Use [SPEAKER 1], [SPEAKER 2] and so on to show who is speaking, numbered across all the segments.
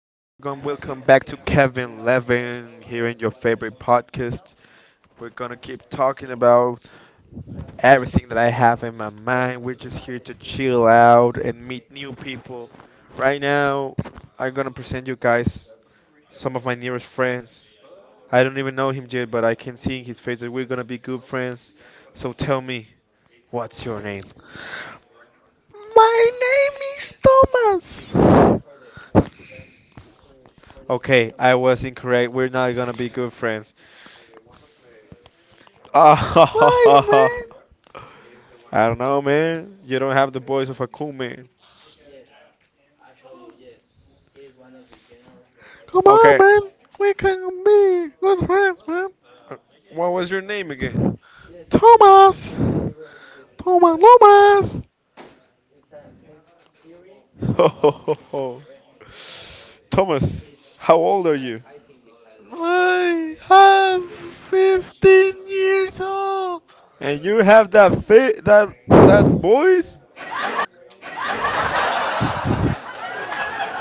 [SPEAKER 1] Welcome back to Kevin Levin here in your favorite podcast. We're gonna keep talking about everything that I have in my mind. We're just here to chill out and meet new people. Right now, I'm gonna present you guys some of my nearest friends. I don't even know him yet, but I can see in his face that we're gonna be good friends. So tell me, what's your name?
[SPEAKER 2] My name is Thomas.
[SPEAKER 1] Okay, I was incorrect. We're not gonna be good friends.
[SPEAKER 2] Why,
[SPEAKER 1] Ah,
[SPEAKER 2] man?
[SPEAKER 1] I don't know, man. You don't have the voice of a cool man.
[SPEAKER 2] Come on,
[SPEAKER 1] Okay.
[SPEAKER 2] man. We can be good friends, man.
[SPEAKER 1] uh, What was your name again?
[SPEAKER 2] Thomas. Thomas Thomas.
[SPEAKER 1] Ho ho ho ho. Thomas, how old are you?
[SPEAKER 2] I have 15 years old.
[SPEAKER 1] And you have that fit that voice?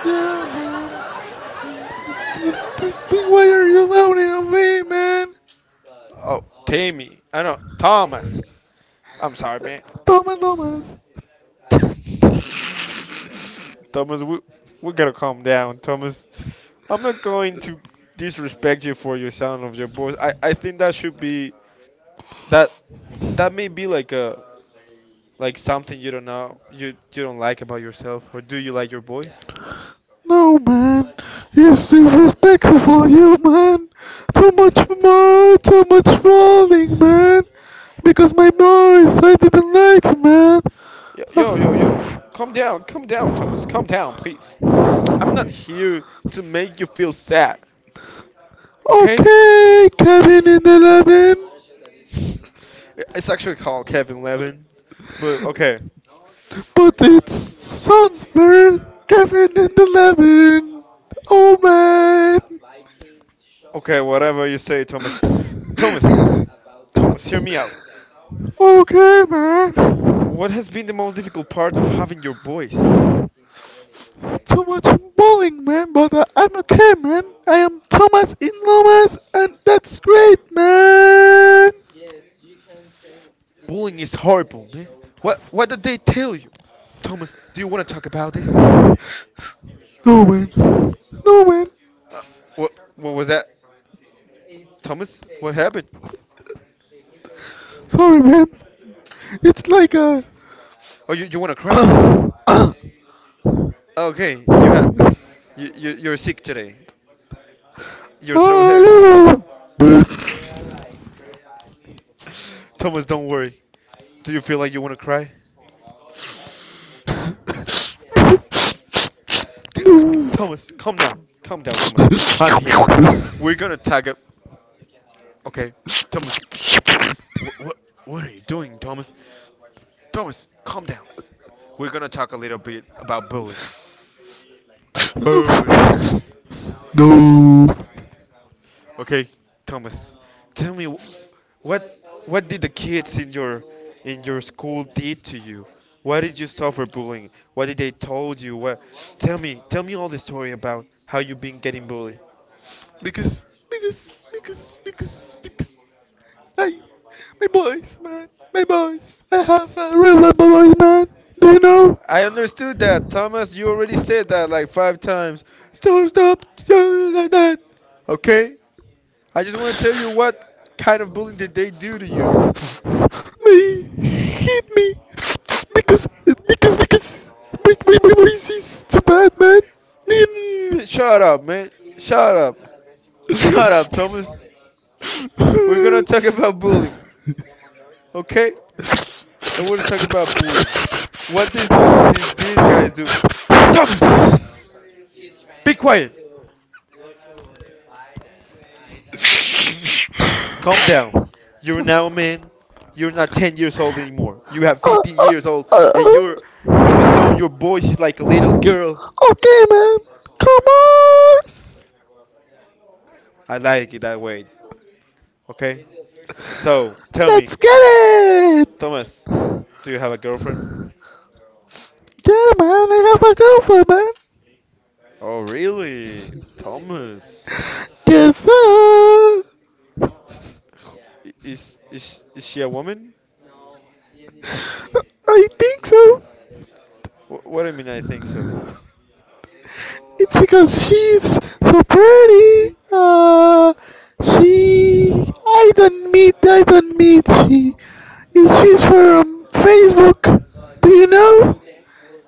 [SPEAKER 2] Yeah, man. Why are you doubting on me, man?
[SPEAKER 1] Oh, Tammy. I know Thomas. I'm sorry, man.
[SPEAKER 2] Thomas Thomas.
[SPEAKER 1] Thomas, we gotta calm down, Thomas. I'm not going to disrespect you for your sound of your voice. I think that should be that that may be like something you don't know, you don't like about yourself, or do you like your voice?
[SPEAKER 2] No, man. It's disrespectful for you, man. Too much more, too much falling, man. Because my boys, I didn't like, man.
[SPEAKER 1] Yo, yo, yo, yo.
[SPEAKER 2] Ah.
[SPEAKER 1] Calm down, Thomas. Calm down, please. I'm not here to make you feel sad, okay?
[SPEAKER 2] Okay, Kevin in the Eleven.
[SPEAKER 1] It's actually called Kevin Levin. But okay,
[SPEAKER 2] But it sounds very Kevin in the Eleven. Oh, man.
[SPEAKER 1] okay, whatever you say, Thomas. Thomas, Thomas, hear me out.
[SPEAKER 2] Okay, man.
[SPEAKER 1] What has been the most difficult part of having your voice?
[SPEAKER 2] Too much bowling, man, but I'm okay, man. I am Thomas in Lomas, and that's great, man.
[SPEAKER 1] Bullying is horrible, man. What did they tell you? Thomas, do you want to talk about this?
[SPEAKER 2] No, man. No, man.
[SPEAKER 1] Uh, what was that, Thomas? What happened?
[SPEAKER 2] Sorry, man. It's like a.
[SPEAKER 1] Oh, you wanna cry? Okay, you're sick today. Your throat hurts.
[SPEAKER 2] Hello.
[SPEAKER 1] Thomas, don't worry. Do you feel like you wanna cry? D- c-
[SPEAKER 2] No.
[SPEAKER 1] Thomas, calm down. Calm down, Thomas. I'm here. We're gonna tag up. Okay, Thomas. What what what are you doing, Thomas? Thomas, calm down. We're gonna talk a little bit about bullying. Bullying.
[SPEAKER 2] No. No.
[SPEAKER 1] Okay, Thomas. Tell me, What what did the kids in your school did to you? Why did you suffer bullying? What did they told you? What tell me all the story about how you've been getting bullied.
[SPEAKER 2] Because, because. Hey, my boys, man. My boys. I have a real love boys, man. Do you know?
[SPEAKER 1] I understood that, Thomas. You already said that like five times. Stop, stop, stop, like that. Okay? I just want to tell you what kind of bullying did they do to you.
[SPEAKER 2] They hit me. Because, because. My voice is too bad, man. Then.
[SPEAKER 1] Shut up, man. Shut up. Shut up, Thomas. We're gonna talk about bullying, okay? I want to talk about bullying. What these guys do? Thomas, be quiet. Calm down. You're now a man. You're not 10 years old anymore. You have
[SPEAKER 2] Uh,
[SPEAKER 1] 15
[SPEAKER 2] uh,
[SPEAKER 1] years old,
[SPEAKER 2] uh,
[SPEAKER 1] and you're,
[SPEAKER 2] uh.
[SPEAKER 1] even though your voice is like a little girl,
[SPEAKER 2] Okay, man. Come on.
[SPEAKER 1] I like it that way. Okay. So tell me,
[SPEAKER 2] Let's get it.
[SPEAKER 1] Thomas, do you have a girlfriend?
[SPEAKER 2] Yeah, man. I have a girlfriend, man.
[SPEAKER 1] Oh really, Thomas?
[SPEAKER 2] Yes,
[SPEAKER 1] Is she a woman?
[SPEAKER 2] I think so.
[SPEAKER 1] What do you mean, I think so?
[SPEAKER 2] It's because she's so pretty. She. I don't meet. I don't meet. She. She's from Facebook. Do you know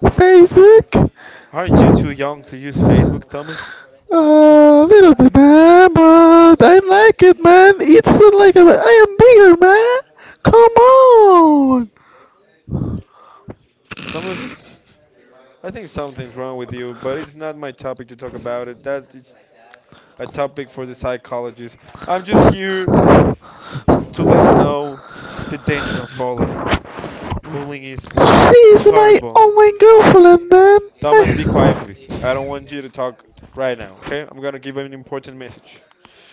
[SPEAKER 2] Facebook?
[SPEAKER 1] Aren't you too young to use Facebook, Thomas?
[SPEAKER 2] A little bit, man, but I like it, man. It's not like a, I am bigger, man. Come on.
[SPEAKER 1] Thomas, I think something's wrong with you, but it's not my topic to talk about it. That is a topic for the psychologists. I'm just here to let know the danger of bullying. Bullying is
[SPEAKER 2] She's my
[SPEAKER 1] horrible.
[SPEAKER 2] online girlfriend, man.
[SPEAKER 1] Thomas, be quiet,
[SPEAKER 2] I...
[SPEAKER 1] please. I don't want you to talk right now, okay? I'm gonna give an important message.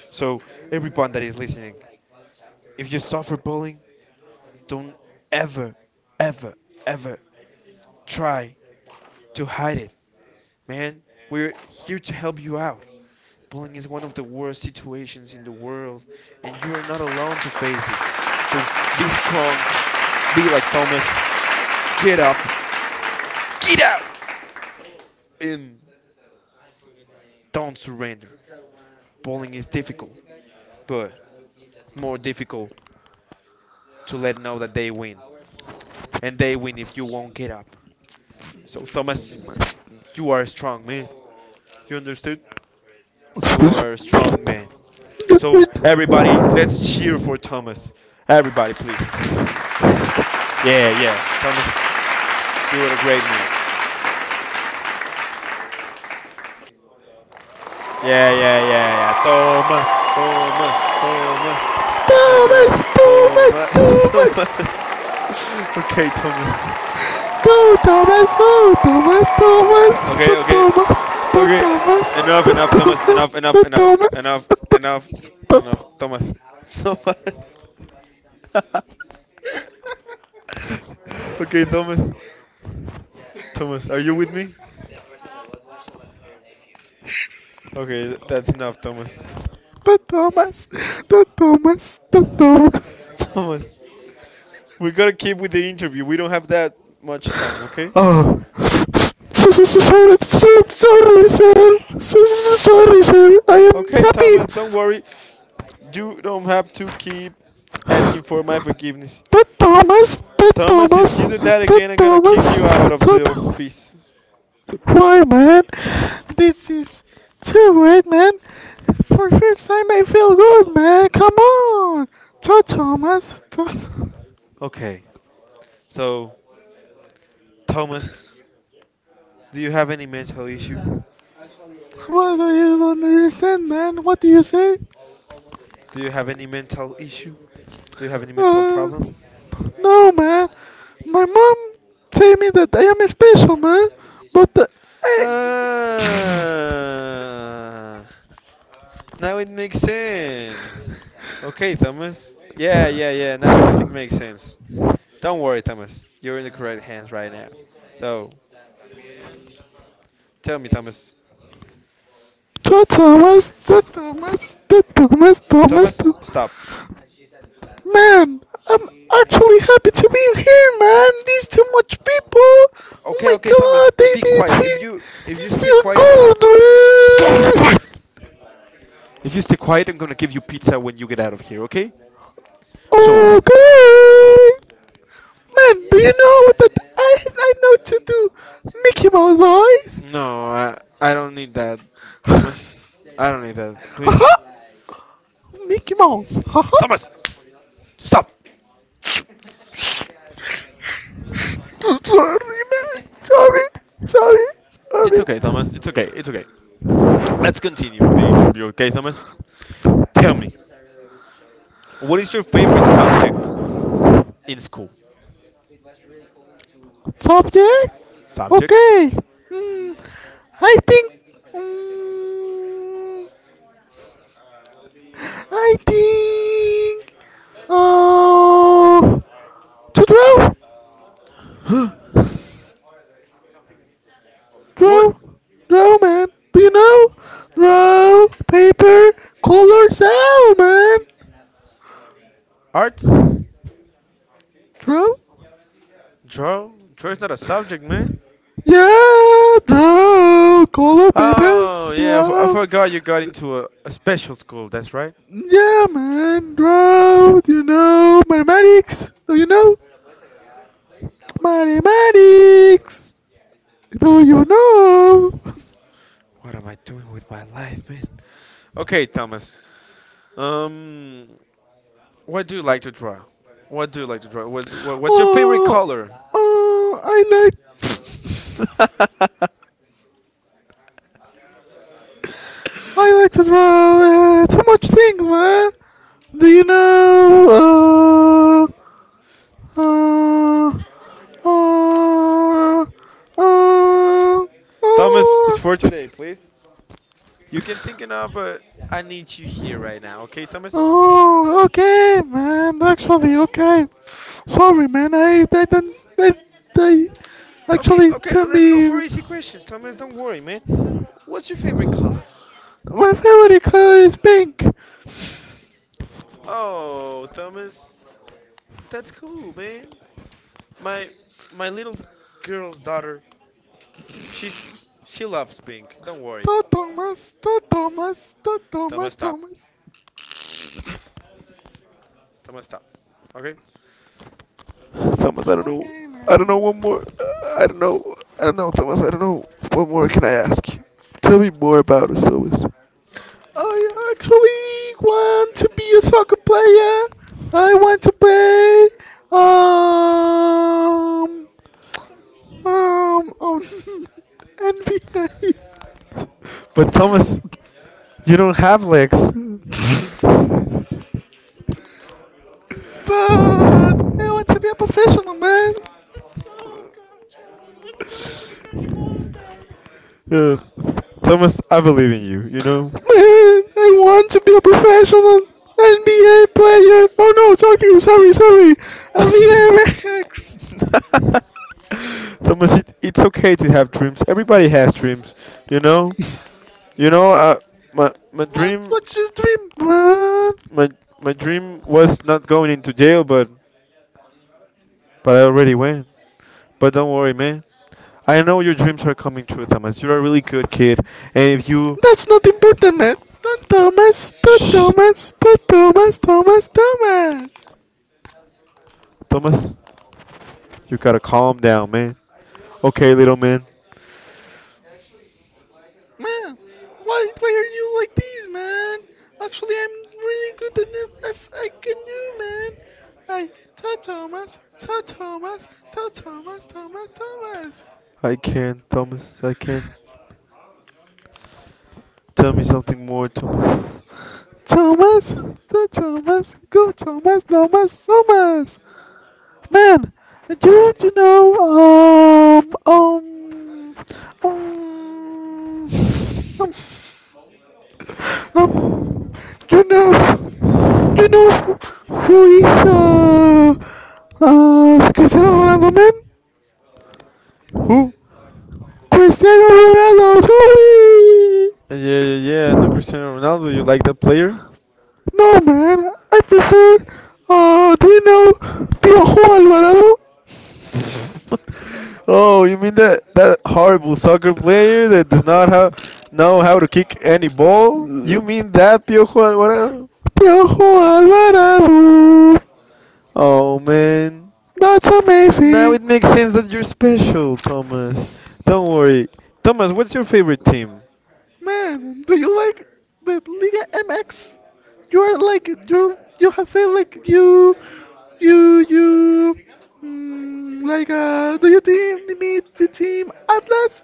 [SPEAKER 1] So, everyone that is listening, if you suffer bullying, don't ever, ever, ever try to hide it, man. We're here to help you out. Bullying is one of the worst situations in the world, and you are not alone to face it. So be strong, be like Thomas, get up, get out, and don't surrender. Bullying is difficult, but it's more difficult to let know that they win, and they win if you won't get up. So, Thomas, you are a strong man. You understood? You are a strong man. So, everybody, let's cheer for Thomas. Everybody, please. Yeah, yeah. Thomas, you are a great man. Yeah, yeah, yeah, yeah. Thomas, Thomas,
[SPEAKER 2] Thomas,
[SPEAKER 1] Thomas,
[SPEAKER 2] Thomas,
[SPEAKER 1] Thomas,
[SPEAKER 2] Thomas.
[SPEAKER 1] Thomas, Thomas. Okay, Thomas.
[SPEAKER 2] Go, Thomas, go, Thomas, Thomas, the
[SPEAKER 1] Okay, okay,
[SPEAKER 2] Thomas, the
[SPEAKER 1] okay.
[SPEAKER 2] Thomas,
[SPEAKER 1] Enough,
[SPEAKER 2] the
[SPEAKER 1] enough, Thomas.
[SPEAKER 2] Thomas,
[SPEAKER 1] Enough, enough,
[SPEAKER 2] the
[SPEAKER 1] enough,
[SPEAKER 2] Thomas,
[SPEAKER 1] enough, enough,
[SPEAKER 2] the
[SPEAKER 1] enough,
[SPEAKER 2] Thomas,
[SPEAKER 1] Thomas. Thomas. Okay, Thomas. Thomas, are you with me? Okay, that's enough, Thomas.
[SPEAKER 2] the Thomas, the Thomas.
[SPEAKER 1] Thomas, we gotta keep with the interview. We don't have that much time, okay?
[SPEAKER 2] Oh, sorry, sorry, sir. Sorry, sir. I am
[SPEAKER 1] Okay, Thomas,
[SPEAKER 2] happy.
[SPEAKER 1] don't worry. You don't have to keep asking for my forgiveness.
[SPEAKER 2] The Thomas, the
[SPEAKER 1] Thomas, if
[SPEAKER 2] Thomas,
[SPEAKER 1] you do that
[SPEAKER 2] the
[SPEAKER 1] again, I'm gonna
[SPEAKER 2] Thomas,
[SPEAKER 1] kick you out of
[SPEAKER 2] the
[SPEAKER 1] the
[SPEAKER 2] Thomas.
[SPEAKER 1] office.
[SPEAKER 2] Why, man? This is too great, man. For fix, I may feel good, man. Come on, Joe Thomas.
[SPEAKER 1] Okay, so Thomas, do you have any mental issue?
[SPEAKER 2] What do you don't understand, man? What do you say?
[SPEAKER 1] Do you have any mental issue? Do you have any mental
[SPEAKER 2] Uh,
[SPEAKER 1] problem?
[SPEAKER 2] no, man. My mom say me that I am special, man. But I.
[SPEAKER 1] Ah, now it makes sense. Okay, Thomas. Yeah, yeah, yeah. Now everything makes sense. Don't worry, Thomas. You're in the correct hands right now. So tell me, Thomas.
[SPEAKER 2] Two Thomas, two Thomas, two Thomas, Thomas,
[SPEAKER 1] Thomas,
[SPEAKER 2] two.
[SPEAKER 1] stop.
[SPEAKER 2] Man, I'm actually happy to be here, man. These too much people. Oh
[SPEAKER 1] Okay,
[SPEAKER 2] my
[SPEAKER 1] okay, Thomas.
[SPEAKER 2] god, they
[SPEAKER 1] Be
[SPEAKER 2] did
[SPEAKER 1] quiet. If
[SPEAKER 2] it.
[SPEAKER 1] you if
[SPEAKER 2] It
[SPEAKER 1] you stay
[SPEAKER 2] feels
[SPEAKER 1] quiet, Thomas, be
[SPEAKER 2] good, man.
[SPEAKER 1] quiet! If you stay quiet, I'm gonna give you pizza when you get out of here. Okay? So
[SPEAKER 2] Okay. Man, do you know that I know to do Mickey Mouse
[SPEAKER 1] no, I don't need that, Thomas.
[SPEAKER 2] voice?
[SPEAKER 1] I don't need that. Please,
[SPEAKER 2] Haha. Mickey Mouse. Haha.
[SPEAKER 1] Thomas, stop.
[SPEAKER 2] Sorry, man. Sorry, sorry,
[SPEAKER 1] It's
[SPEAKER 2] sorry.
[SPEAKER 1] okay, Thomas. It's okay. It's okay. Let's continue with the interview. Okay, Thomas. Tell me, what is your favorite subject in school?
[SPEAKER 2] Subject?
[SPEAKER 1] Subject?
[SPEAKER 2] Okay. Hmm. I think. Hmm. I think. Oh. To draw.
[SPEAKER 1] What?
[SPEAKER 2] Draw. Draw, man. Do you know? Draw, paper, color, sound, man.
[SPEAKER 1] Art?
[SPEAKER 2] Draw?
[SPEAKER 1] Draw? Draw is not a subject, man.
[SPEAKER 2] Yeah, draw. Color, paper,
[SPEAKER 1] Oh, yeah, I
[SPEAKER 2] draw.
[SPEAKER 1] forgot you got into a special school, that's right.
[SPEAKER 2] Yeah, man, bro. Do you know mathematics? Do you know mathematics? Do you know?
[SPEAKER 1] What am I doing with my life, man? Okay, Thomas. Um, what do you like to draw? What do you like to draw? What's your favorite
[SPEAKER 2] Oh,
[SPEAKER 1] color?
[SPEAKER 2] oh, I like, I like to draw so much things, man. Do you know? Uh, uh, uh,
[SPEAKER 1] Thomas, it's
[SPEAKER 2] uh,
[SPEAKER 1] for
[SPEAKER 2] uh,
[SPEAKER 1] today, please. You can think it up, but I need you here right now, okay, Thomas?
[SPEAKER 2] Oh, okay, man. Actually, okay. Sorry, man. I didn't. I
[SPEAKER 1] Okay,
[SPEAKER 2] actually
[SPEAKER 1] okay,
[SPEAKER 2] can
[SPEAKER 1] let's go for
[SPEAKER 2] be.
[SPEAKER 1] easy questions. Thomas, don't worry, man. What's your favorite color?
[SPEAKER 2] My favorite color is pink.
[SPEAKER 1] Oh, Thomas, that's cool, man. My my little girl's daughter, she's she loves pink. Don't worry.
[SPEAKER 2] To Thomas, to Thomas, to
[SPEAKER 1] Thomas,
[SPEAKER 2] Thomas,
[SPEAKER 1] stop.
[SPEAKER 2] Thomas.
[SPEAKER 1] Thomas, stop. Okay?
[SPEAKER 2] Okay, man.
[SPEAKER 1] Tell me more about it, Thomas.
[SPEAKER 2] I actually want to be a soccer player. I want to play. Um. Oh, NBA.
[SPEAKER 1] But Thomas, you don't have legs.
[SPEAKER 2] But I want to be a professional, man.
[SPEAKER 1] Uh, Thomas, I believe in you, you know?
[SPEAKER 2] Man, I want to be a professional NBA player. Oh no, talking. Sorry, sorry.
[SPEAKER 1] Thomas,
[SPEAKER 2] LVMX.
[SPEAKER 1] it's okay to have dreams. Everybody has dreams, you know. You know, uh, my my
[SPEAKER 2] What?
[SPEAKER 1] dream,
[SPEAKER 2] What's your dream, man?
[SPEAKER 1] my my dream was not going into jail, but I already went. But don't worry, man. I know your dreams are coming true, Thomas. You're a really good kid. and if you,
[SPEAKER 2] That's not important, man. Don't Thomas. Don't
[SPEAKER 1] shh,
[SPEAKER 2] Thomas. Don't Thomas. Thomas. Thomas.
[SPEAKER 1] Thomas, you gotta calm down, man. Okay, little man.
[SPEAKER 2] Man, why are you like this, man? Actually, I'm really good at it. I can do, man. I, so Thomas, so Thomas, so Thomas, Thomas,
[SPEAKER 1] I can, Thomas. I can. Tell me something more, Thomas.
[SPEAKER 2] Thomas, Thomas, so Thomas, go Thomas, Thomas, Thomas. Man, do you know um. um Um, you know, you know who is Cristiano Ronaldo, man?
[SPEAKER 1] Who?
[SPEAKER 2] Cristiano Ronaldo, whee!
[SPEAKER 1] Yeah, yeah, yeah. No Cristiano Ronaldo. You like that player?
[SPEAKER 2] No, man, I prefer, do you know Piojo Alvarado?
[SPEAKER 1] Oh, you mean that horrible soccer player that does not have know how to kick any ball? You mean that, Piojo Alvarado?
[SPEAKER 2] Piojo Alvarado,
[SPEAKER 1] Oh man.
[SPEAKER 2] that's
[SPEAKER 1] Now
[SPEAKER 2] amazing.
[SPEAKER 1] it makes sense that you're special, Thomas. Don't worry. Thomas, what's your favorite team?
[SPEAKER 2] Man, do you like the Liga MX? You are like you have felt like you like do you team meet the team Atlas?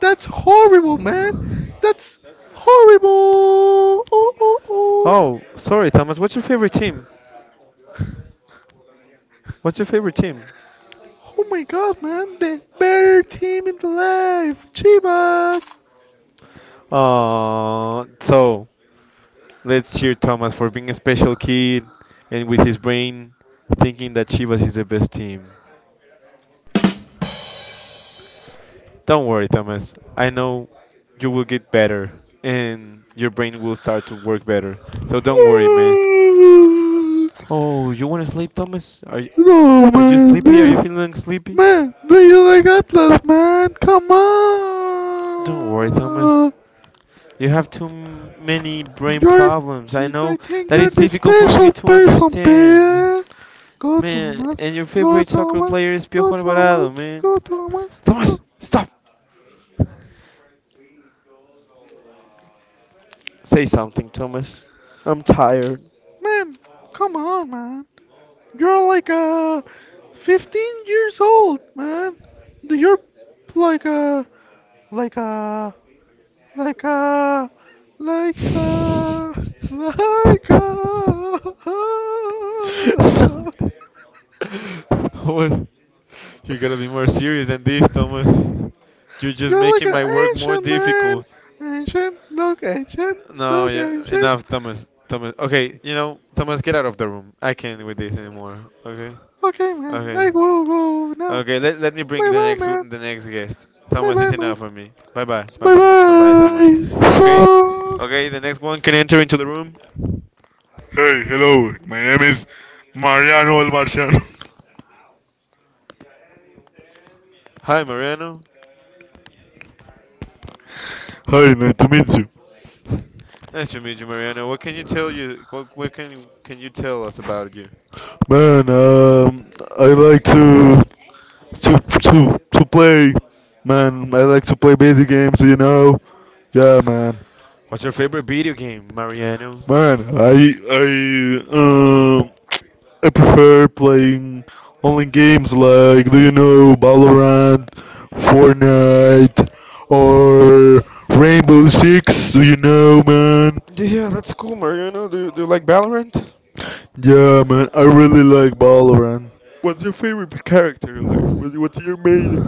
[SPEAKER 2] That's horrible, man. That's horrible. Oh oh oh.
[SPEAKER 1] Oh, sorry, Thomas. What's your favorite team? What's your favorite team?
[SPEAKER 2] Oh my god, man. The better team in the life. Chivas.
[SPEAKER 1] So let's cheer Thomas for being a special kid and with his brain thinking that Chivas is the best team. Don't worry, Thomas. I know you will get better and your brain will start to work better. So don't worry, man. Oh, you want to sleep, Thomas? Are y-
[SPEAKER 2] No,
[SPEAKER 1] are you
[SPEAKER 2] man.
[SPEAKER 1] sleepy? Are you
[SPEAKER 2] This
[SPEAKER 1] feeling sleepy?
[SPEAKER 2] Man, do you like Atlas, man? Come
[SPEAKER 1] Don't worry,
[SPEAKER 2] on!
[SPEAKER 1] Thomas. You have too many brain
[SPEAKER 2] You're,
[SPEAKER 1] problems. I
[SPEAKER 2] I
[SPEAKER 1] know
[SPEAKER 2] think
[SPEAKER 1] that
[SPEAKER 2] you're
[SPEAKER 1] it's
[SPEAKER 2] the
[SPEAKER 1] difficult for you
[SPEAKER 2] special
[SPEAKER 1] to
[SPEAKER 2] person,
[SPEAKER 1] understand.
[SPEAKER 2] man. Go
[SPEAKER 1] Man,
[SPEAKER 2] Thomas,
[SPEAKER 1] and your
[SPEAKER 2] go
[SPEAKER 1] favorite soccer
[SPEAKER 2] Thomas,
[SPEAKER 1] player is
[SPEAKER 2] go
[SPEAKER 1] Piojo Alvarado,
[SPEAKER 2] Thomas,
[SPEAKER 1] man.
[SPEAKER 2] go Thomas.
[SPEAKER 1] Thomas,
[SPEAKER 2] Go.
[SPEAKER 1] stop! Say something, Thomas. I'm tired.
[SPEAKER 2] Man, come on, man. You're like 15 years old, man. You're like a Laika, Laika, Laika.
[SPEAKER 1] Thomas, you gotta be more serious than this, Thomas. You're just
[SPEAKER 2] You're like
[SPEAKER 1] making
[SPEAKER 2] an
[SPEAKER 1] my work more
[SPEAKER 2] ancient man.
[SPEAKER 1] difficult.
[SPEAKER 2] Ancient, look ancient,
[SPEAKER 1] No,
[SPEAKER 2] look
[SPEAKER 1] yeah,
[SPEAKER 2] ancient.
[SPEAKER 1] enough, Thomas. Thomas, okay, Thomas, get out of the room. I can't with this anymore. Okay,
[SPEAKER 2] Okay, man,
[SPEAKER 1] okay,
[SPEAKER 2] I will go now.
[SPEAKER 1] okay. Let me bring
[SPEAKER 2] Bye
[SPEAKER 1] the
[SPEAKER 2] bye,
[SPEAKER 1] next
[SPEAKER 2] man.
[SPEAKER 1] w- the next guest.
[SPEAKER 2] Bye
[SPEAKER 1] Thomas
[SPEAKER 2] bye,
[SPEAKER 1] is enough
[SPEAKER 2] man.
[SPEAKER 1] for me. Bye bye, bye
[SPEAKER 2] Bye
[SPEAKER 1] bye, bye bye, Thomas.
[SPEAKER 2] bye.
[SPEAKER 1] Okay,
[SPEAKER 2] So.
[SPEAKER 1] okay. The next one can enter into the room.
[SPEAKER 2] Hey, hello. My name is Mariano El Marciano.
[SPEAKER 1] Hi, Mariano.
[SPEAKER 2] Hi, nice to meet you.
[SPEAKER 1] Nice to meet you, Mariano. What can you tell you? What can you tell us about you?
[SPEAKER 2] Man, I like to play, man. I like to play video games. Yeah, man,
[SPEAKER 1] What's your favorite video game, Mariano?
[SPEAKER 2] man. Um I prefer playing online games like do you know Valorant, Fortnite, or Rainbow Six. Do you know, man?
[SPEAKER 1] Yeah, that's cool, Mariano. Do you like Valorant?
[SPEAKER 2] Yeah, man. I really like Valorant.
[SPEAKER 1] What's your favorite character? Like, what's your main?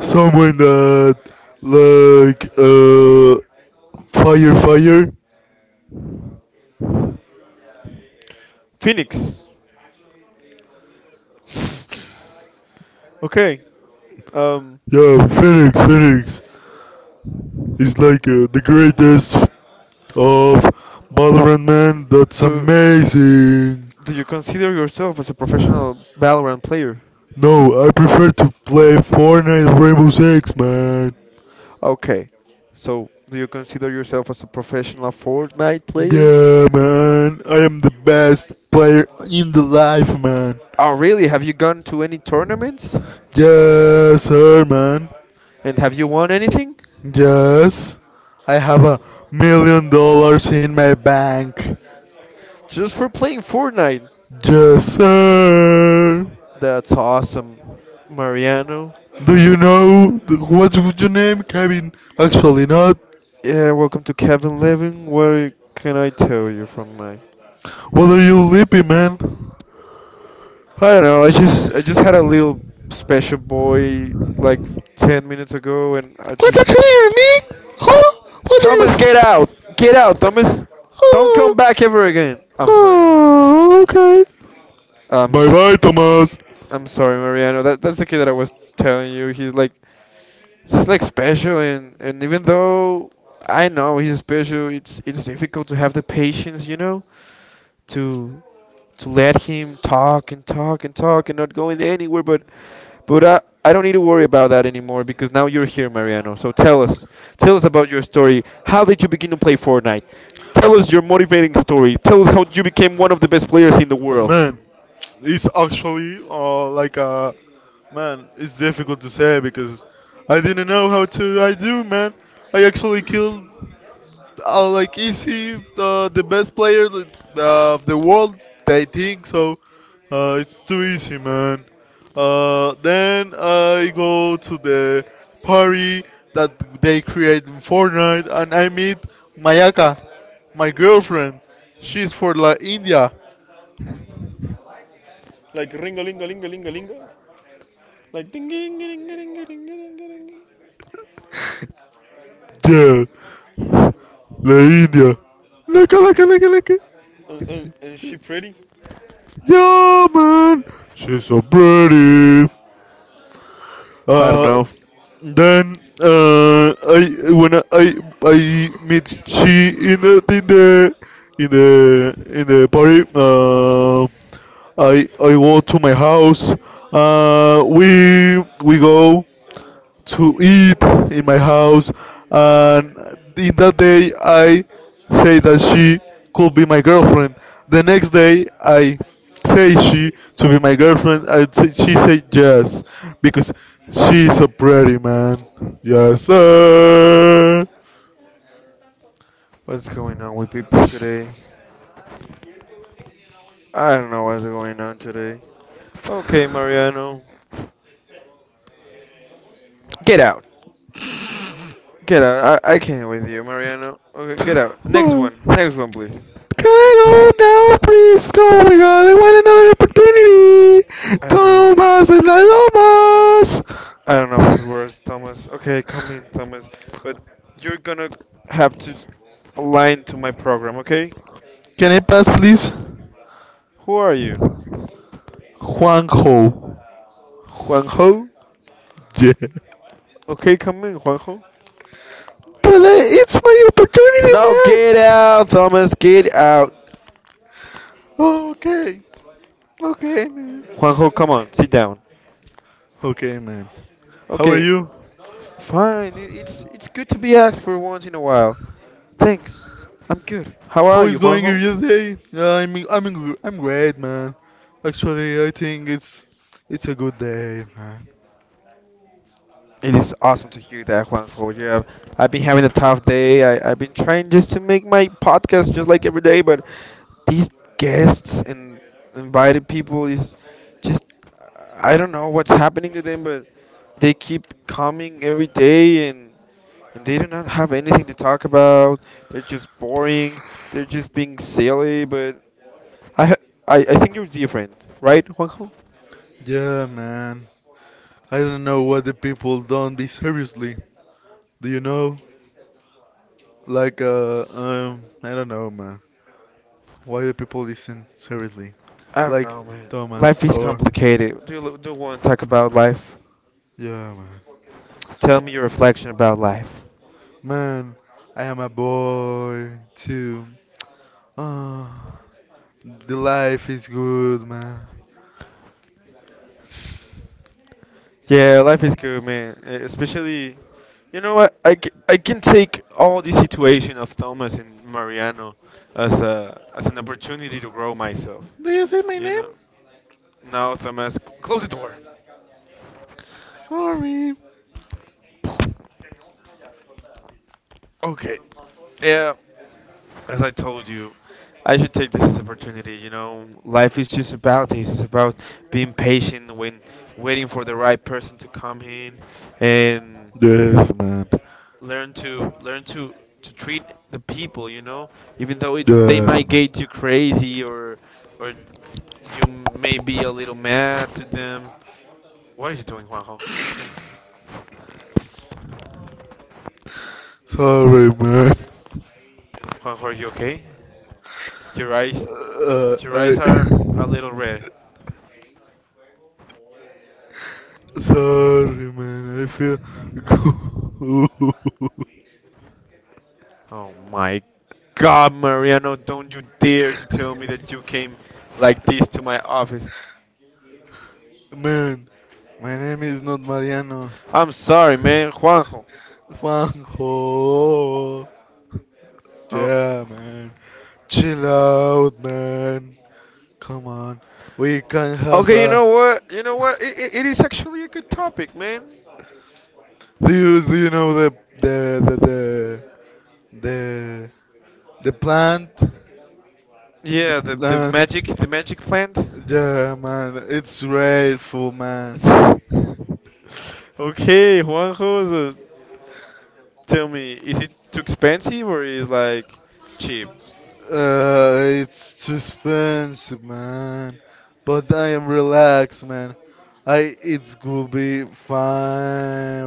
[SPEAKER 2] Someone that like fire.
[SPEAKER 1] Phoenix. Okay. Um.
[SPEAKER 2] Yeah, Phoenix, Phoenix is like the greatest of Valorant, man. That's
[SPEAKER 1] So,
[SPEAKER 2] amazing.
[SPEAKER 1] do you consider yourself as a professional Valorant player?
[SPEAKER 2] No, I prefer to play Fortnite or Rainbow Six, man.
[SPEAKER 1] Okay. So, do you consider yourself as a professional Fortnite player?
[SPEAKER 2] Yeah, man. I am the best player in the life, man.
[SPEAKER 1] Oh, really? Have you gone to any tournaments?
[SPEAKER 2] Yes, sir, man.
[SPEAKER 1] And have you won anything?
[SPEAKER 2] Yes. I have $1 million in my bank.
[SPEAKER 1] Just for playing Fortnite.
[SPEAKER 2] Yes, sir.
[SPEAKER 1] That's awesome, Mariano.
[SPEAKER 2] Do you know what's your name, Kevin? Actually, not.
[SPEAKER 1] Yeah, welcome to Kevin Levin. What can I tell you from my?
[SPEAKER 2] What are you lippy, man?
[SPEAKER 1] I don't know. I just had a little special boy like 10 minutes ago, and I
[SPEAKER 2] What's
[SPEAKER 1] just
[SPEAKER 2] up here, me? Huh? What are
[SPEAKER 1] Thomas,
[SPEAKER 2] you?
[SPEAKER 1] get out, Thomas. Don't
[SPEAKER 2] Oh,
[SPEAKER 1] come back ever again. I'm sorry.
[SPEAKER 2] oh, okay.
[SPEAKER 1] I'm
[SPEAKER 2] Bye
[SPEAKER 1] s-
[SPEAKER 2] bye, Thomas.
[SPEAKER 1] I'm sorry, Mariano. That's the kid that I was telling you. He's like It's like special, and even though I know he's special, it's difficult to have the patience, to to let him talk and talk and talk and not going anywhere. But I don't need to worry about that anymore because now you're here, Mariano. So tell us about your story. How did you begin to play Fortnite? Tell us your motivating story. Tell us how you became one of the best players in the world.
[SPEAKER 2] Man, it's actually like man, it's difficult to say because I didn't know how to I do, man. I actually killed like is he the best player of the world? They think so. It's too easy, man. Then I go to the party that they create in Fortnite, and I meet Mayaka, my girlfriend. She's for La India.
[SPEAKER 1] Like ringa linga linga linga linga. Like ding ding ding ding ding ding ding ding.
[SPEAKER 2] Yeah, La India. Look, look, look, look.
[SPEAKER 1] And, is she pretty?
[SPEAKER 2] Yeah, man. She's so pretty.
[SPEAKER 1] I don't
[SPEAKER 2] Uh,
[SPEAKER 1] know
[SPEAKER 2] Then I when I meet she in the party. I go to my house. We go to eat in my house. And in that day, I say that she could be my girlfriend. The next day, I say she to be my girlfriend. I say, she said yes because she's so pretty, man. Yes, sir.
[SPEAKER 1] what's going on with people today. I don't know what's going on today. Okay, Mariano, get out. Get out. I can't with you, Mariano. Okay, get out. Next
[SPEAKER 2] Whoa.
[SPEAKER 1] one. Next one, please.
[SPEAKER 2] Can I go now, please? Oh my god, I want another opportunity!
[SPEAKER 1] I don't know.
[SPEAKER 2] Thomas and Thomas!
[SPEAKER 1] I don't know who's worse, Thomas. Okay, come in, Thomas. But you're gonna have to align to my program, okay?
[SPEAKER 2] Can I pass, please?
[SPEAKER 1] Who are you?
[SPEAKER 2] Juanjo.
[SPEAKER 1] Juanjo?
[SPEAKER 2] Yeah. But
[SPEAKER 1] Okay, come in, Juanjo.
[SPEAKER 2] it's my
[SPEAKER 1] No, get
[SPEAKER 2] opportunity,
[SPEAKER 1] out, Thomas. Get out.
[SPEAKER 2] man. Okay. Okay, man.
[SPEAKER 1] Juanjo, come on. Sit down.
[SPEAKER 2] Okay, man. How are
[SPEAKER 1] Okay.
[SPEAKER 2] you?
[SPEAKER 1] Fine, it's good to be asked for once in a while. Thanks. I'm good. How
[SPEAKER 2] How
[SPEAKER 1] are you,
[SPEAKER 2] is going
[SPEAKER 1] Juanjo?
[SPEAKER 2] your day? Yeah, I'm great, man. Actually, I think it's a good day, man.
[SPEAKER 1] It is awesome to hear that, Juanjo. Yeah, I've been having a tough day. I've been trying just to make my podcast just like every day, but these guests and invited people is just I don't know what's happening to them, but they keep coming every day and they do not have anything to talk about. They're just boring. They're just being silly, but I, ha- I think you're different, right, Juanjo?
[SPEAKER 2] Yeah, man. I don't know what the people don't be seriously. Do you know? Like, I don't know, man. Why the people listen seriously?
[SPEAKER 1] I don't
[SPEAKER 2] Like
[SPEAKER 1] know, man. Life
[SPEAKER 2] Thomas
[SPEAKER 1] is
[SPEAKER 2] or
[SPEAKER 1] complicated. Do you do want to talk about life?
[SPEAKER 2] yeah, man.
[SPEAKER 1] Tell me your reflection about life.
[SPEAKER 2] Man, I am a boy too. Ah, the life is good, man.
[SPEAKER 1] Yeah, life is good, man. Especially, you know what? I can take all the situation of Thomas and Mariano as a as an opportunity to grow myself.
[SPEAKER 2] Did you say my
[SPEAKER 1] You
[SPEAKER 2] name?
[SPEAKER 1] know. Now Thomas, close the door.
[SPEAKER 2] Sorry.
[SPEAKER 1] Okay. Yeah. As I told you, I should take this as an opportunity. You know, life is just about this. It's about being patient when waiting for the right person to come in, and
[SPEAKER 2] Yes, man.
[SPEAKER 1] learn to to treat the people. You know, even though they
[SPEAKER 2] Yes,
[SPEAKER 1] might
[SPEAKER 2] man.
[SPEAKER 1] get you crazy or you may be a little mad to them. What are you doing, Juanjo?
[SPEAKER 2] Sorry, man.
[SPEAKER 1] Juanjo, are you okay? Your eyes, your eyes are
[SPEAKER 2] I.
[SPEAKER 1] a little red.
[SPEAKER 2] Sorry, man. I feel good.
[SPEAKER 1] Oh my god, Mariano, don't you dare to tell me that you came like this to my office.
[SPEAKER 2] Man, my name is not Mariano.
[SPEAKER 1] I'm sorry, man, Juanjo.
[SPEAKER 2] Juanjo.
[SPEAKER 1] Oh,
[SPEAKER 2] Yeah, man. Chill out, man. Come on, we can have
[SPEAKER 1] okay, you
[SPEAKER 2] a.
[SPEAKER 1] know what? You know what? It is actually a good topic, man.
[SPEAKER 2] Do you know the the the the, the plant
[SPEAKER 1] Yeah,
[SPEAKER 2] plant?
[SPEAKER 1] the magic plant.
[SPEAKER 2] Yeah, man, it's grateful, man.
[SPEAKER 1] Okay, Juanjo, so tell me, is it too expensive or is like cheap?
[SPEAKER 2] It's too expensive, man. But I am relaxed, man. I it will be fine.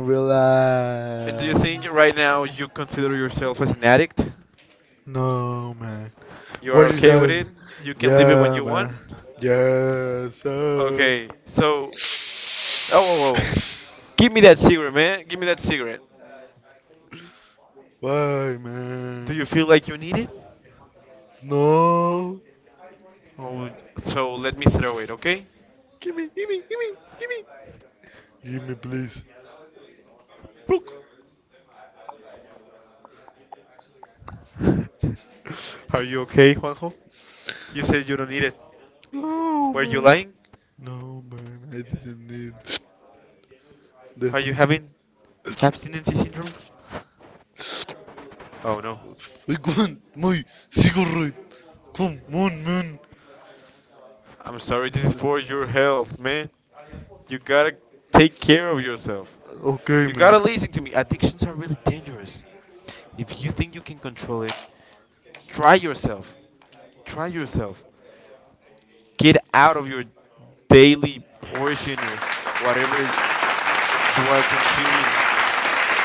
[SPEAKER 1] And do you
[SPEAKER 2] Relax.
[SPEAKER 1] think right now you consider yourself as an addict?
[SPEAKER 2] No, man.
[SPEAKER 1] You are
[SPEAKER 2] What is
[SPEAKER 1] okay with it?
[SPEAKER 2] that?
[SPEAKER 1] You can leave it when
[SPEAKER 2] Yeah,
[SPEAKER 1] you want?
[SPEAKER 2] man. Yeah, so.
[SPEAKER 1] Okay, so oh, oh, oh, give me that cigarette, man. Give me that cigarette.
[SPEAKER 2] Why,
[SPEAKER 1] Do
[SPEAKER 2] man?
[SPEAKER 1] you feel like you need it?
[SPEAKER 2] No.
[SPEAKER 1] Oh, so let me throw it, okay?
[SPEAKER 2] Give me, give me, give me, give me. Give me, please.
[SPEAKER 1] Plook. Are you okay, Juanjo? You said you don't need it.
[SPEAKER 2] No,
[SPEAKER 1] Were you
[SPEAKER 2] man.
[SPEAKER 1] lying?
[SPEAKER 2] No, man. I didn't need that.
[SPEAKER 1] Are you having abstinence syndrome? Oh no.
[SPEAKER 2] I want my cigarette. Come on, man.
[SPEAKER 1] I'm sorry. This is for your health, man. You gotta take care of yourself.
[SPEAKER 2] Okay,
[SPEAKER 1] You gotta
[SPEAKER 2] man.
[SPEAKER 1] listen to me. Addictions are really dangerous. If you think you can control it, try yourself. Try yourself. Get out of your daily portion of whatever you are consuming.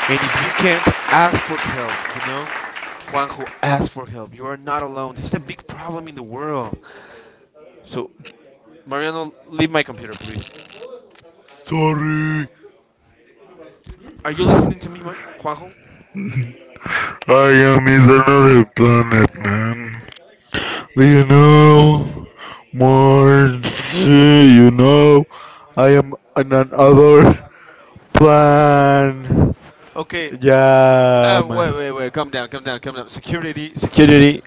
[SPEAKER 1] And if you can't, ask for help. Juanjo, ask for help. You are not alone. This is a big problem in the world. So, Mariano, leave my computer, please.
[SPEAKER 2] Sorry.
[SPEAKER 1] Are you listening to me,
[SPEAKER 2] I
[SPEAKER 1] Juanjo?
[SPEAKER 2] am in another planet, man. You know, Marcy, I am on another plan.
[SPEAKER 1] Okay.
[SPEAKER 2] Yeah,
[SPEAKER 1] Wait,
[SPEAKER 2] man.
[SPEAKER 1] wait, wait. Calm down, calm down, calm down. Security, security.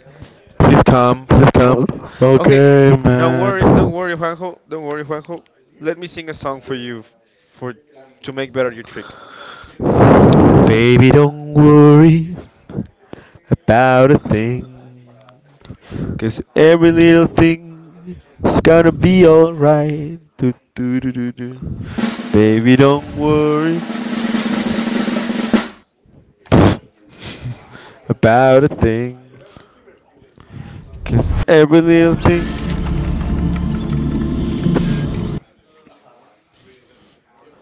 [SPEAKER 1] Please come, please come.
[SPEAKER 2] O-
[SPEAKER 1] Okay,
[SPEAKER 2] Okay, man.
[SPEAKER 1] don't worry, Juanjo. Don't worry, Juanjo. Let me sing a song for you, for to make better your trick. Baby, don't worry about a thing. Cause every little thing is gonna be alright. Do, do, do, do, do. Baby, don't worry about a thing. Cause every little thing.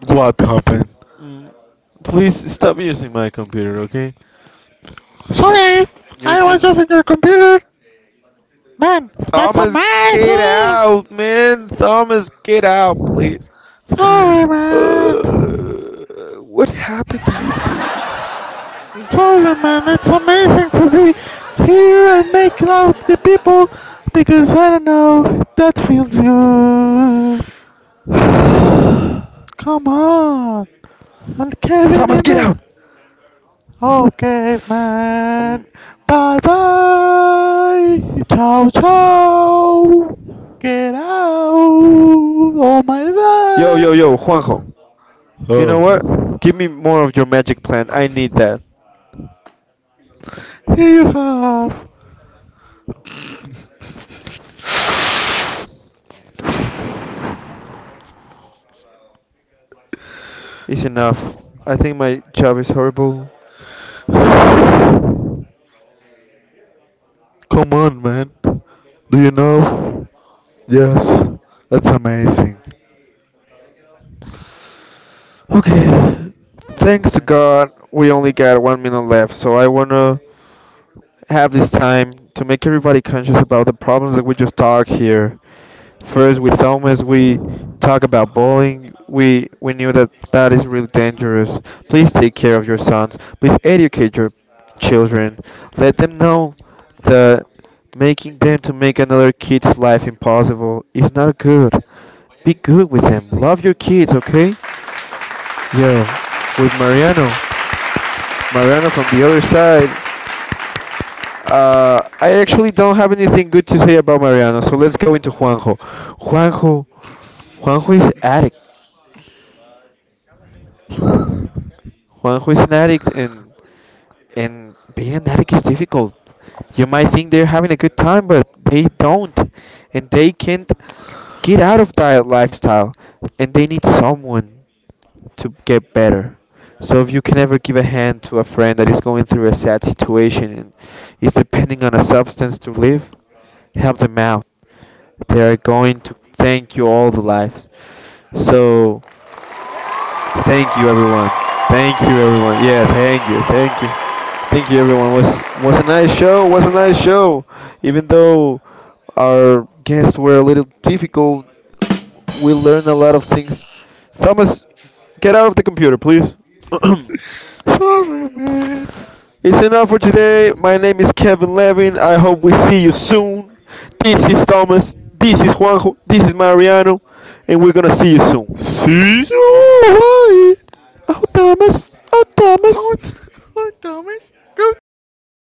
[SPEAKER 2] What happened?
[SPEAKER 1] Mm, please stop using my computer, okay?
[SPEAKER 2] Sorry,
[SPEAKER 1] You're
[SPEAKER 2] I was
[SPEAKER 1] just.
[SPEAKER 2] just in your computer. Man, that's a.
[SPEAKER 1] Thomas, get out, man! Thomas, get out, please.
[SPEAKER 2] Sorry, man.
[SPEAKER 1] What happened to you today?
[SPEAKER 2] I'm sorry, man. It's amazing to be here and make love with the people because I don't know. That feels good. Come on. And Kevin
[SPEAKER 1] Thomas,
[SPEAKER 2] in
[SPEAKER 1] get out!
[SPEAKER 2] the. Okay, man.
[SPEAKER 1] Um,
[SPEAKER 2] Bye bye. Ciao, ciao. Get out. Oh, my
[SPEAKER 1] yo,
[SPEAKER 2] God.
[SPEAKER 1] yo, yo, Juanjo. You know
[SPEAKER 2] Oh.
[SPEAKER 1] what? Give me more of your magic plant. I need that.
[SPEAKER 2] Here you have.
[SPEAKER 1] It's enough. I think my job is horrible.
[SPEAKER 2] Come on, man. Do you know? Yes, that's amazing.
[SPEAKER 1] Okay.
[SPEAKER 2] Please,
[SPEAKER 1] Thanks to
[SPEAKER 2] man.
[SPEAKER 1] God, we only got 1 minute left, so I wanna have this time to make everybody conscious about the problems that we just talked here. First, with Thomas, we talk about bullying. We knew that that is really dangerous. Please take care of your sons. Please educate your children. Let them know that making them to make another kid's life impossible is not good. Be good with them. Love your kids, okay? Yo, with Mariano. Mariano from the other side. I actually don't have anything good to say about Mariano, so let's go into Juanjo. Juanjo, Juanjo is addict. Juanjo is an addict, and being an addict is difficult. You might think they're having a good time, but they don't, and they can't get out of that lifestyle, and they need someone to get better. So if you can ever give a hand to a friend that is going through a sad situation and is depending on a substance to live, help them out. They are going to thank you all the lives. So, thank you everyone. Thank you everyone. Yeah, thank you, thank you, thank you everyone. Was a nice show. Was a nice show. Even though our guests were a little difficult, we learned a lot of things. Thomas, get out of the computer, please.
[SPEAKER 2] Sorry, man.
[SPEAKER 1] It's enough for today. My name is Kevin Levin. I hope we see you soon. This is Thomas. This is Juanjo. This is Mariano. And we're gonna see you soon.
[SPEAKER 2] See you. Bye.
[SPEAKER 1] Oh, Thomas. Oh,
[SPEAKER 2] Go,
[SPEAKER 1] Thomas.
[SPEAKER 2] Thomas. Go, Thomas.